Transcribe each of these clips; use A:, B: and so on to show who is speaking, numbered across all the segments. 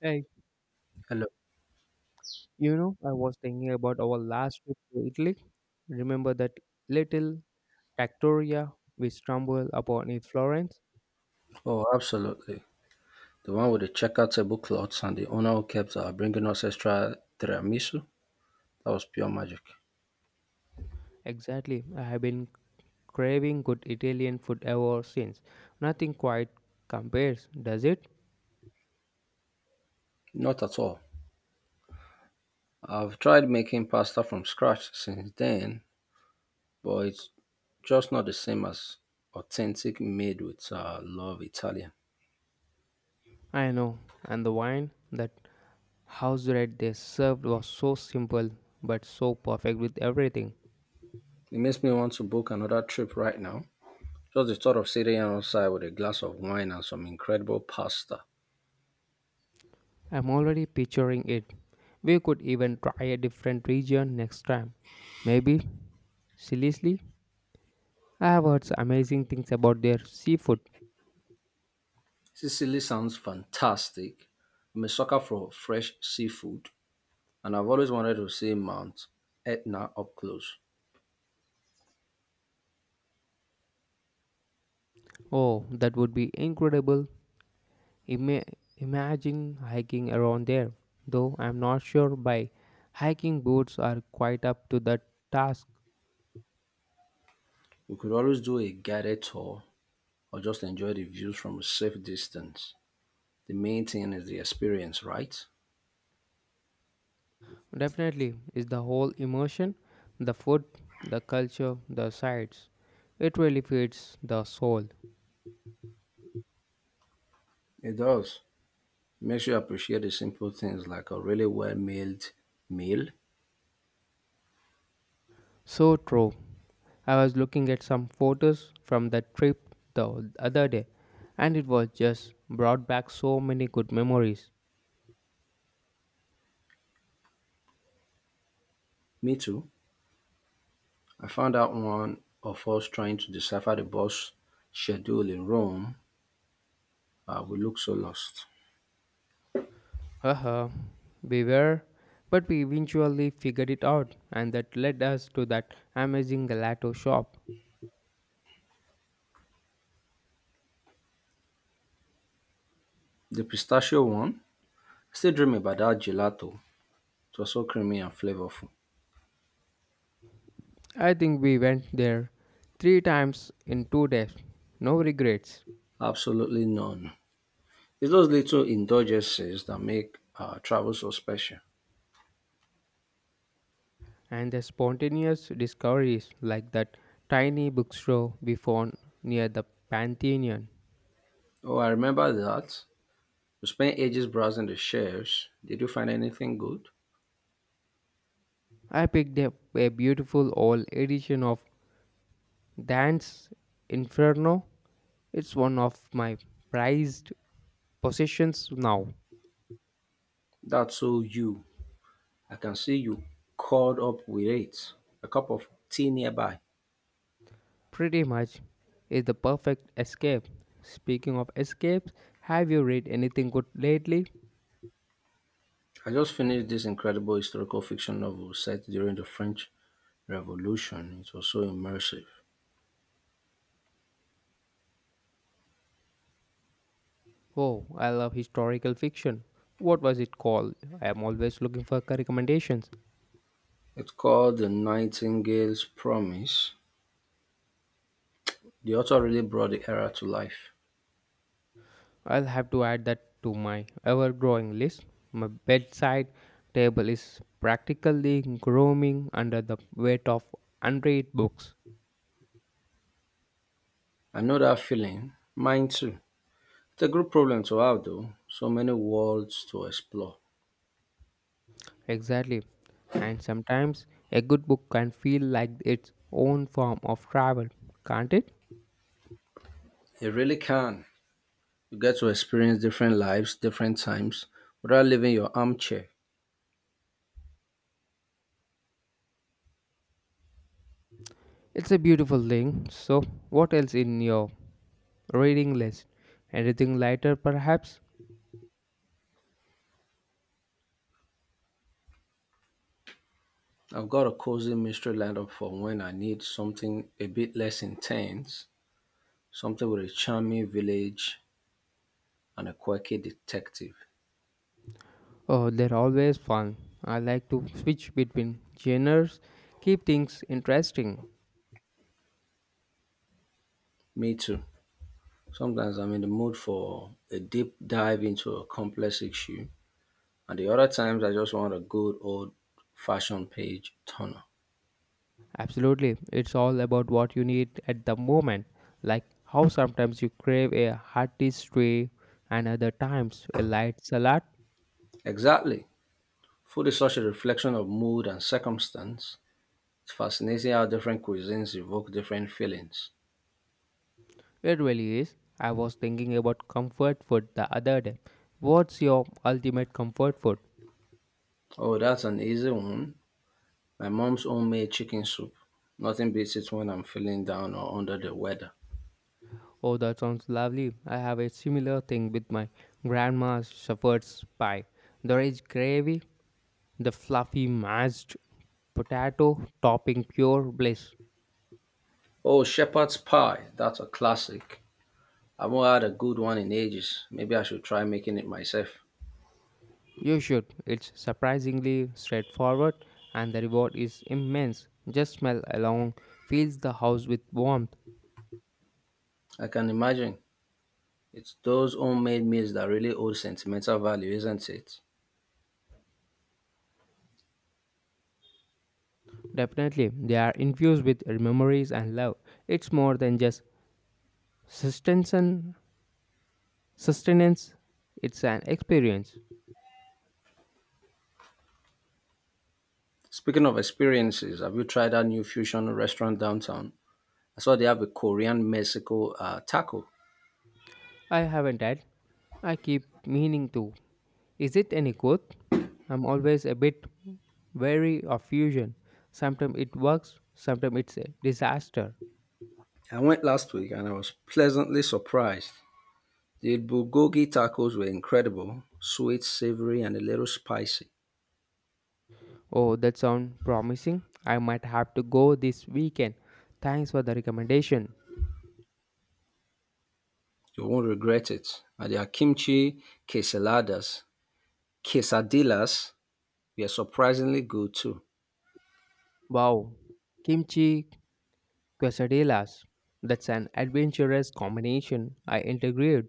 A: Hey,
B: Hello.
A: you know, I was thinking about our last trip to Italy. Remember that little trattoria we stumbled upon in Florence?
B: Oh, absolutely. The one with the checkout table cloths and the owner who kept bringing us extra tiramisu. That was pure magic.
A: Exactly. I have been craving good Italian food ever since. Nothing quite compares, does it?
B: Not at all. I've tried making pasta from scratch since then, but it's just not the same as authentic made with love Italian.
A: I know. And the wine, that house red they served was so simple but so perfect with everything.
B: It makes me want to book another trip right now. Just the thought of sitting outside with a glass of wine and some incredible pasta.
A: I'm already picturing it. We could even try a different region next time. Maybe seriously? I have heard amazing things about their seafood.
B: Sicily sounds fantastic. I'm a sucker for fresh seafood, and I've always wanted to see Mount Etna up close.
A: Oh, that would be incredible. Ima- Imagine hiking around there. Though I'm not sure by hiking boots are quite up to the task.
B: We could always do a guided tour or just enjoy the views from a safe distance. The main thing is the experience, right?
A: Definitely is the whole immersion, the food, the culture, the sights. It really feeds the soul.
B: It does. Makes you appreciate the simple things like a really well mailed meal.
A: So true. I was looking at some photos from that trip the other day, and it was just brought back so many good memories.
B: Me too. I found out one of us trying to decipher the bus schedule in Rome. We looked so lost.
A: Uh huh. We were, but we eventually figured it out, and that led us to that amazing gelato shop.
B: The pistachio one, I still dream about that gelato. It was so creamy and flavorful.
A: I think we went there 3 times in 2 days. No regrets.
B: Absolutely none. It's those little indulgences that make travel so special.
A: And the spontaneous discoveries like that tiny bookstore we found near the Pantheon.
B: Oh, I remember that. You spent ages browsing the shelves. Did you find anything good?
A: I picked up a beautiful old edition of Dante's Inferno. It's one of my prized possessions now.
B: That's so you. I can see you caught up with it. A cup of tea nearby.
A: Pretty much is the perfect escape. Speaking of escapes, have you read anything good lately?
B: I just finished this incredible historical fiction novel set during the French Revolution. It was so immersive.
A: Oh, I love historical fiction. What was it called? I am always looking for recommendations.
B: It's called The Nightingale's Promise. The author really brought the era to life.
A: I'll have to add that to my ever growing list. My bedside table is practically groaning under the weight of unread books.
B: I know that feeling. Mine too. It's a group problem to have, though. So many worlds to explore.
A: Exactly. And sometimes a good book can feel like its own form of travel, can't it?
B: It really can. You get to experience different lives, different times, without leaving your armchair.
A: It's a beautiful thing. So, what else in your reading list? Anything lighter, perhaps?
B: I've got a cozy mystery lined up for when I need something a bit less intense, something with a charming village and a quirky detective.
A: Oh, they're always fun. I like to switch between genres, keep things interesting.
B: Me too. Sometimes I'm in the mood for a deep dive into a complex issue, and the other times I just want a good old fashioned page turner.
A: Absolutely. It's all about what you need at the moment. Like how sometimes you crave a hearty stew and other times a light salad.
B: Exactly. Food is such a reflection of mood and circumstance. It's fascinating how different cuisines evoke different feelings.
A: It really is. I was thinking about comfort food the other day. What's your ultimate comfort food?
B: Oh, that's an easy one. My mom's homemade chicken soup. Nothing beats it when I'm feeling down or under the weather.
A: Oh, that sounds lovely. I have a similar thing with my grandma's shepherd's pie. The rich gravy, the fluffy mashed potato, topping pure bliss.
B: Oh, shepherd's pie. That's a classic. I haven't had a good one in ages. Maybe I should try making it myself.
A: You should. It's surprisingly straightforward and the reward is immense. Just smell along fills the house with warmth.
B: I can imagine. It's those homemade meals that really hold sentimental value, isn't it?
A: Definitely, they are infused with memories and love. It's more than just sustenance, sustenance, it's an experience.
B: Speaking of experiences, have you tried that new fusion restaurant downtown? I saw they have a Korean Mexico taco.
A: I haven't had. I keep meaning to. Is it any good? I'm always a bit wary of fusion. Sometimes it works, sometimes it's a disaster.
B: I went last week and I was pleasantly surprised. The bulgogi tacos were incredible, sweet, savory, and a little spicy.
A: Oh, that sounds promising. I might have to go this weekend. Thanks for the recommendation.
B: You won't regret it. And their kimchi quesadillas, quesadillas were surprisingly good too.
A: Wow, kimchi quesadillas. That's an adventurous combination. I integrate.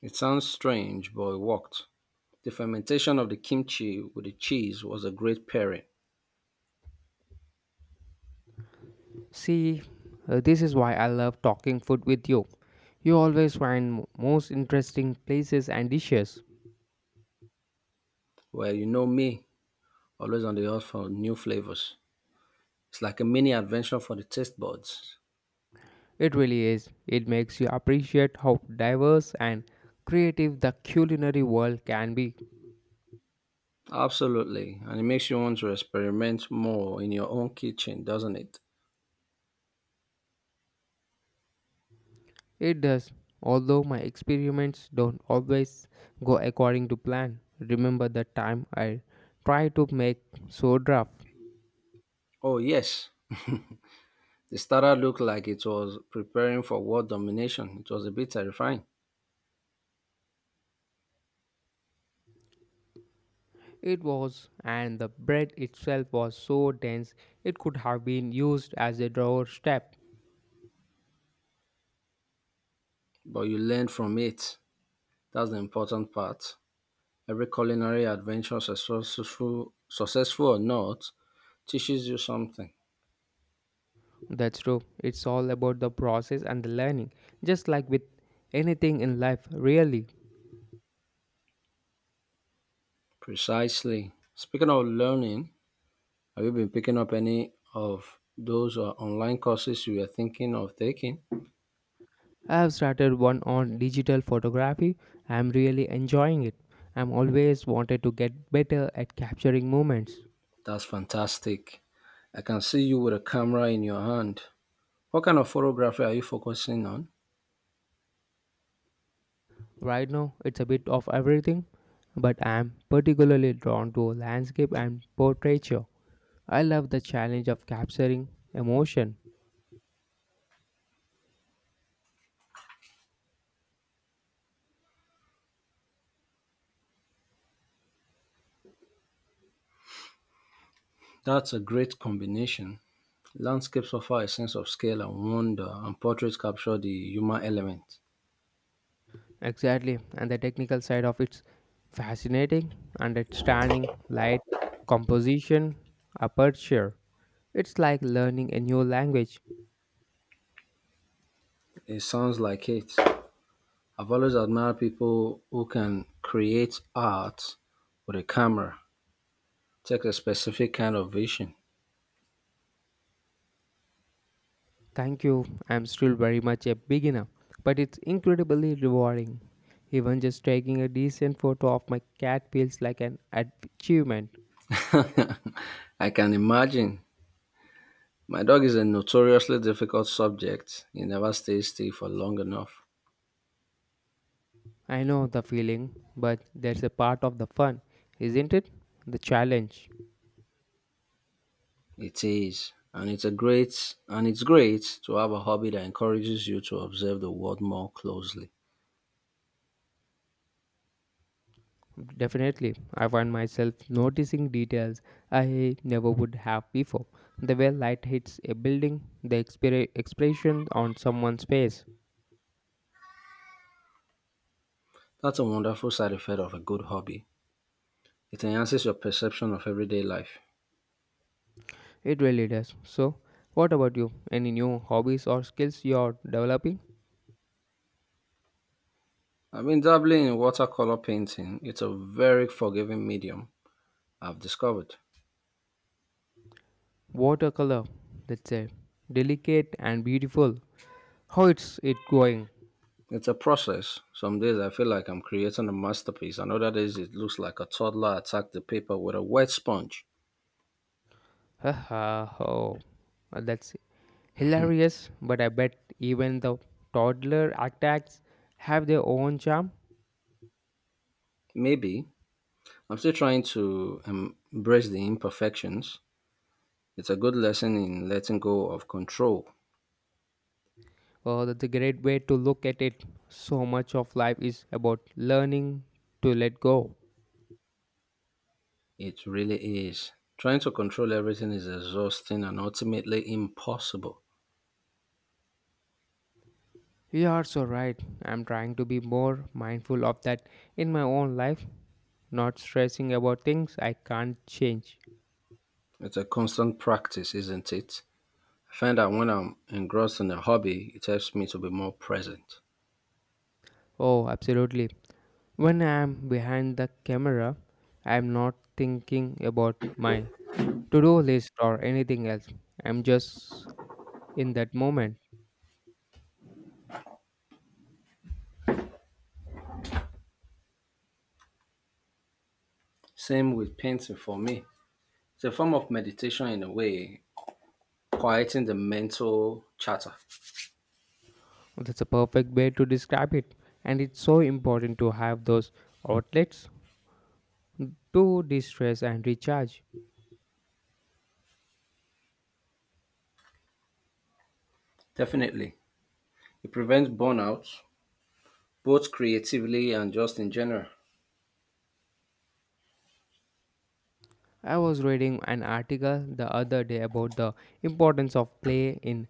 B: It sounds strange, but it worked. The fermentation of the kimchi with the cheese was a great pairing.
A: See, this is why I love talking food with you. You always find most interesting places and dishes.
B: Well, you know me, always on the hunt for new flavors. It's like a mini adventure for the taste buds.
A: It really is. It makes you appreciate how diverse and creative the culinary world can be.
B: Absolutely. And it makes you want to experiment more in your own kitchen, doesn't it?
A: It does, although my experiments don't always go according to plan. Remember the time I tried to make soda?
B: Oh, yes. The starter looked like it was preparing for world domination. It was a bit terrifying,
A: It was, and the bread itself was so dense it could have been used as a doorstep.
B: but you learned from it. That's the important part. Every culinary adventure, successful or not, teaches you something.
A: That's true. It's all about the process and the learning, just like with anything in life, really.
B: Precisely. Speaking of learning, have you been picking up any of those online courses you were thinking of taking?
A: I have started one on digital photography. I'm really enjoying it. I'm always wanted to get better at capturing moments.
B: That's fantastic. I can see you with a camera in your hand. What kind of photography are you focusing on?
A: Right now, it's a bit of everything, but I'm particularly drawn to landscape and portraiture. I love the challenge of capturing emotion.
B: That's a great combination. Landscapes offer a sense of scale and wonder, and portraits capture the human element.
A: Exactly, and the technical side of it's fascinating. Understanding light, composition, aperture. It's like learning a new language.
B: It sounds like it. I've always admired people who can create art with a camera, take a specific kind of vision.
A: Thank you, I'm still very much a beginner, but it's incredibly rewarding. Even just taking a decent photo of my cat feels like an achievement.
B: I can imagine. My dog is a notoriously difficult subject. He never stays still for long enough.
A: I know the feeling, but there's a part of the fun, isn't it? The challenge.
B: It is, and it's great to have a hobby that encourages you to observe the world more closely.
A: Definitely, I find myself noticing details I never would have before. The way light hits a building, the expression on someone's face.
B: That's a wonderful side effect of a good hobby. It enhances your perception of everyday life.
A: It really does. So, what about you? Any new hobbies or skills you're developing?
B: I've been dabbling in watercolor painting. It's a very forgiving medium, I've discovered.
A: Watercolor. That's a delicate and beautiful. How is it going?
B: It's a process. Some days I feel like I'm creating a masterpiece, and other days it looks like a toddler attacked the paper with a wet sponge.
A: Haha. Oh, that's hilarious. But I bet even the toddler attacks have their own charm.
B: Maybe I'm still trying to embrace the imperfections. It's a good lesson in letting go of control.
A: Oh, that's a great way to look at it. So much of life is about learning to let go.
B: It really is. Trying to control everything is exhausting and ultimately impossible.
A: You are so right. I'm trying to be more mindful of that in my own life, not stressing about things I can't change.
B: It's a constant practice, isn't it? I find that when I'm engrossed in a hobby, it helps me to be more present.
A: Oh, absolutely. When I'm behind the camera, I'm not thinking about my to do list or anything else. I'm just in that moment.
B: Same with painting for me. It's a form of meditation in a way, quieting the mental chatter.
A: That's a perfect way to describe it. And it's so important to have those outlets to de stress and recharge.
B: Definitely. It prevents burnout, both creatively and just in general.
A: I was reading an article the other day about the importance of play in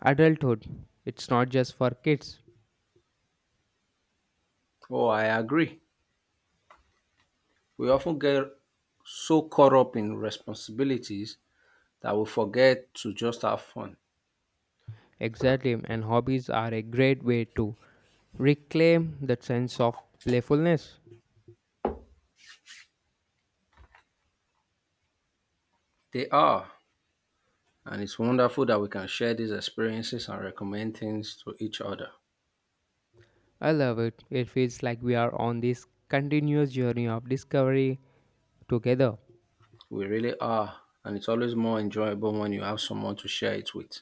A: adulthood. It's not just for kids.
B: Oh, I agree. We often get so caught up in responsibilities that we forget to just have fun.
A: Exactly, and hobbies are a great way to reclaim that sense of playfulness.
B: They are, and it's wonderful that we can share these experiences and recommend things to each other.
A: I love it. It feels like we are on this continuous journey of discovery together.
B: We really are, and it's always more enjoyable when you have someone to share it with.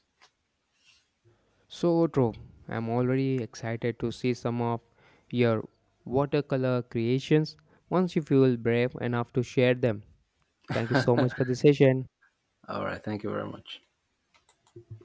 A: So true. I'm already excited to see some of your watercolor creations once you feel brave enough to share them. Thank you so much for the session.
B: All right, thank you very much.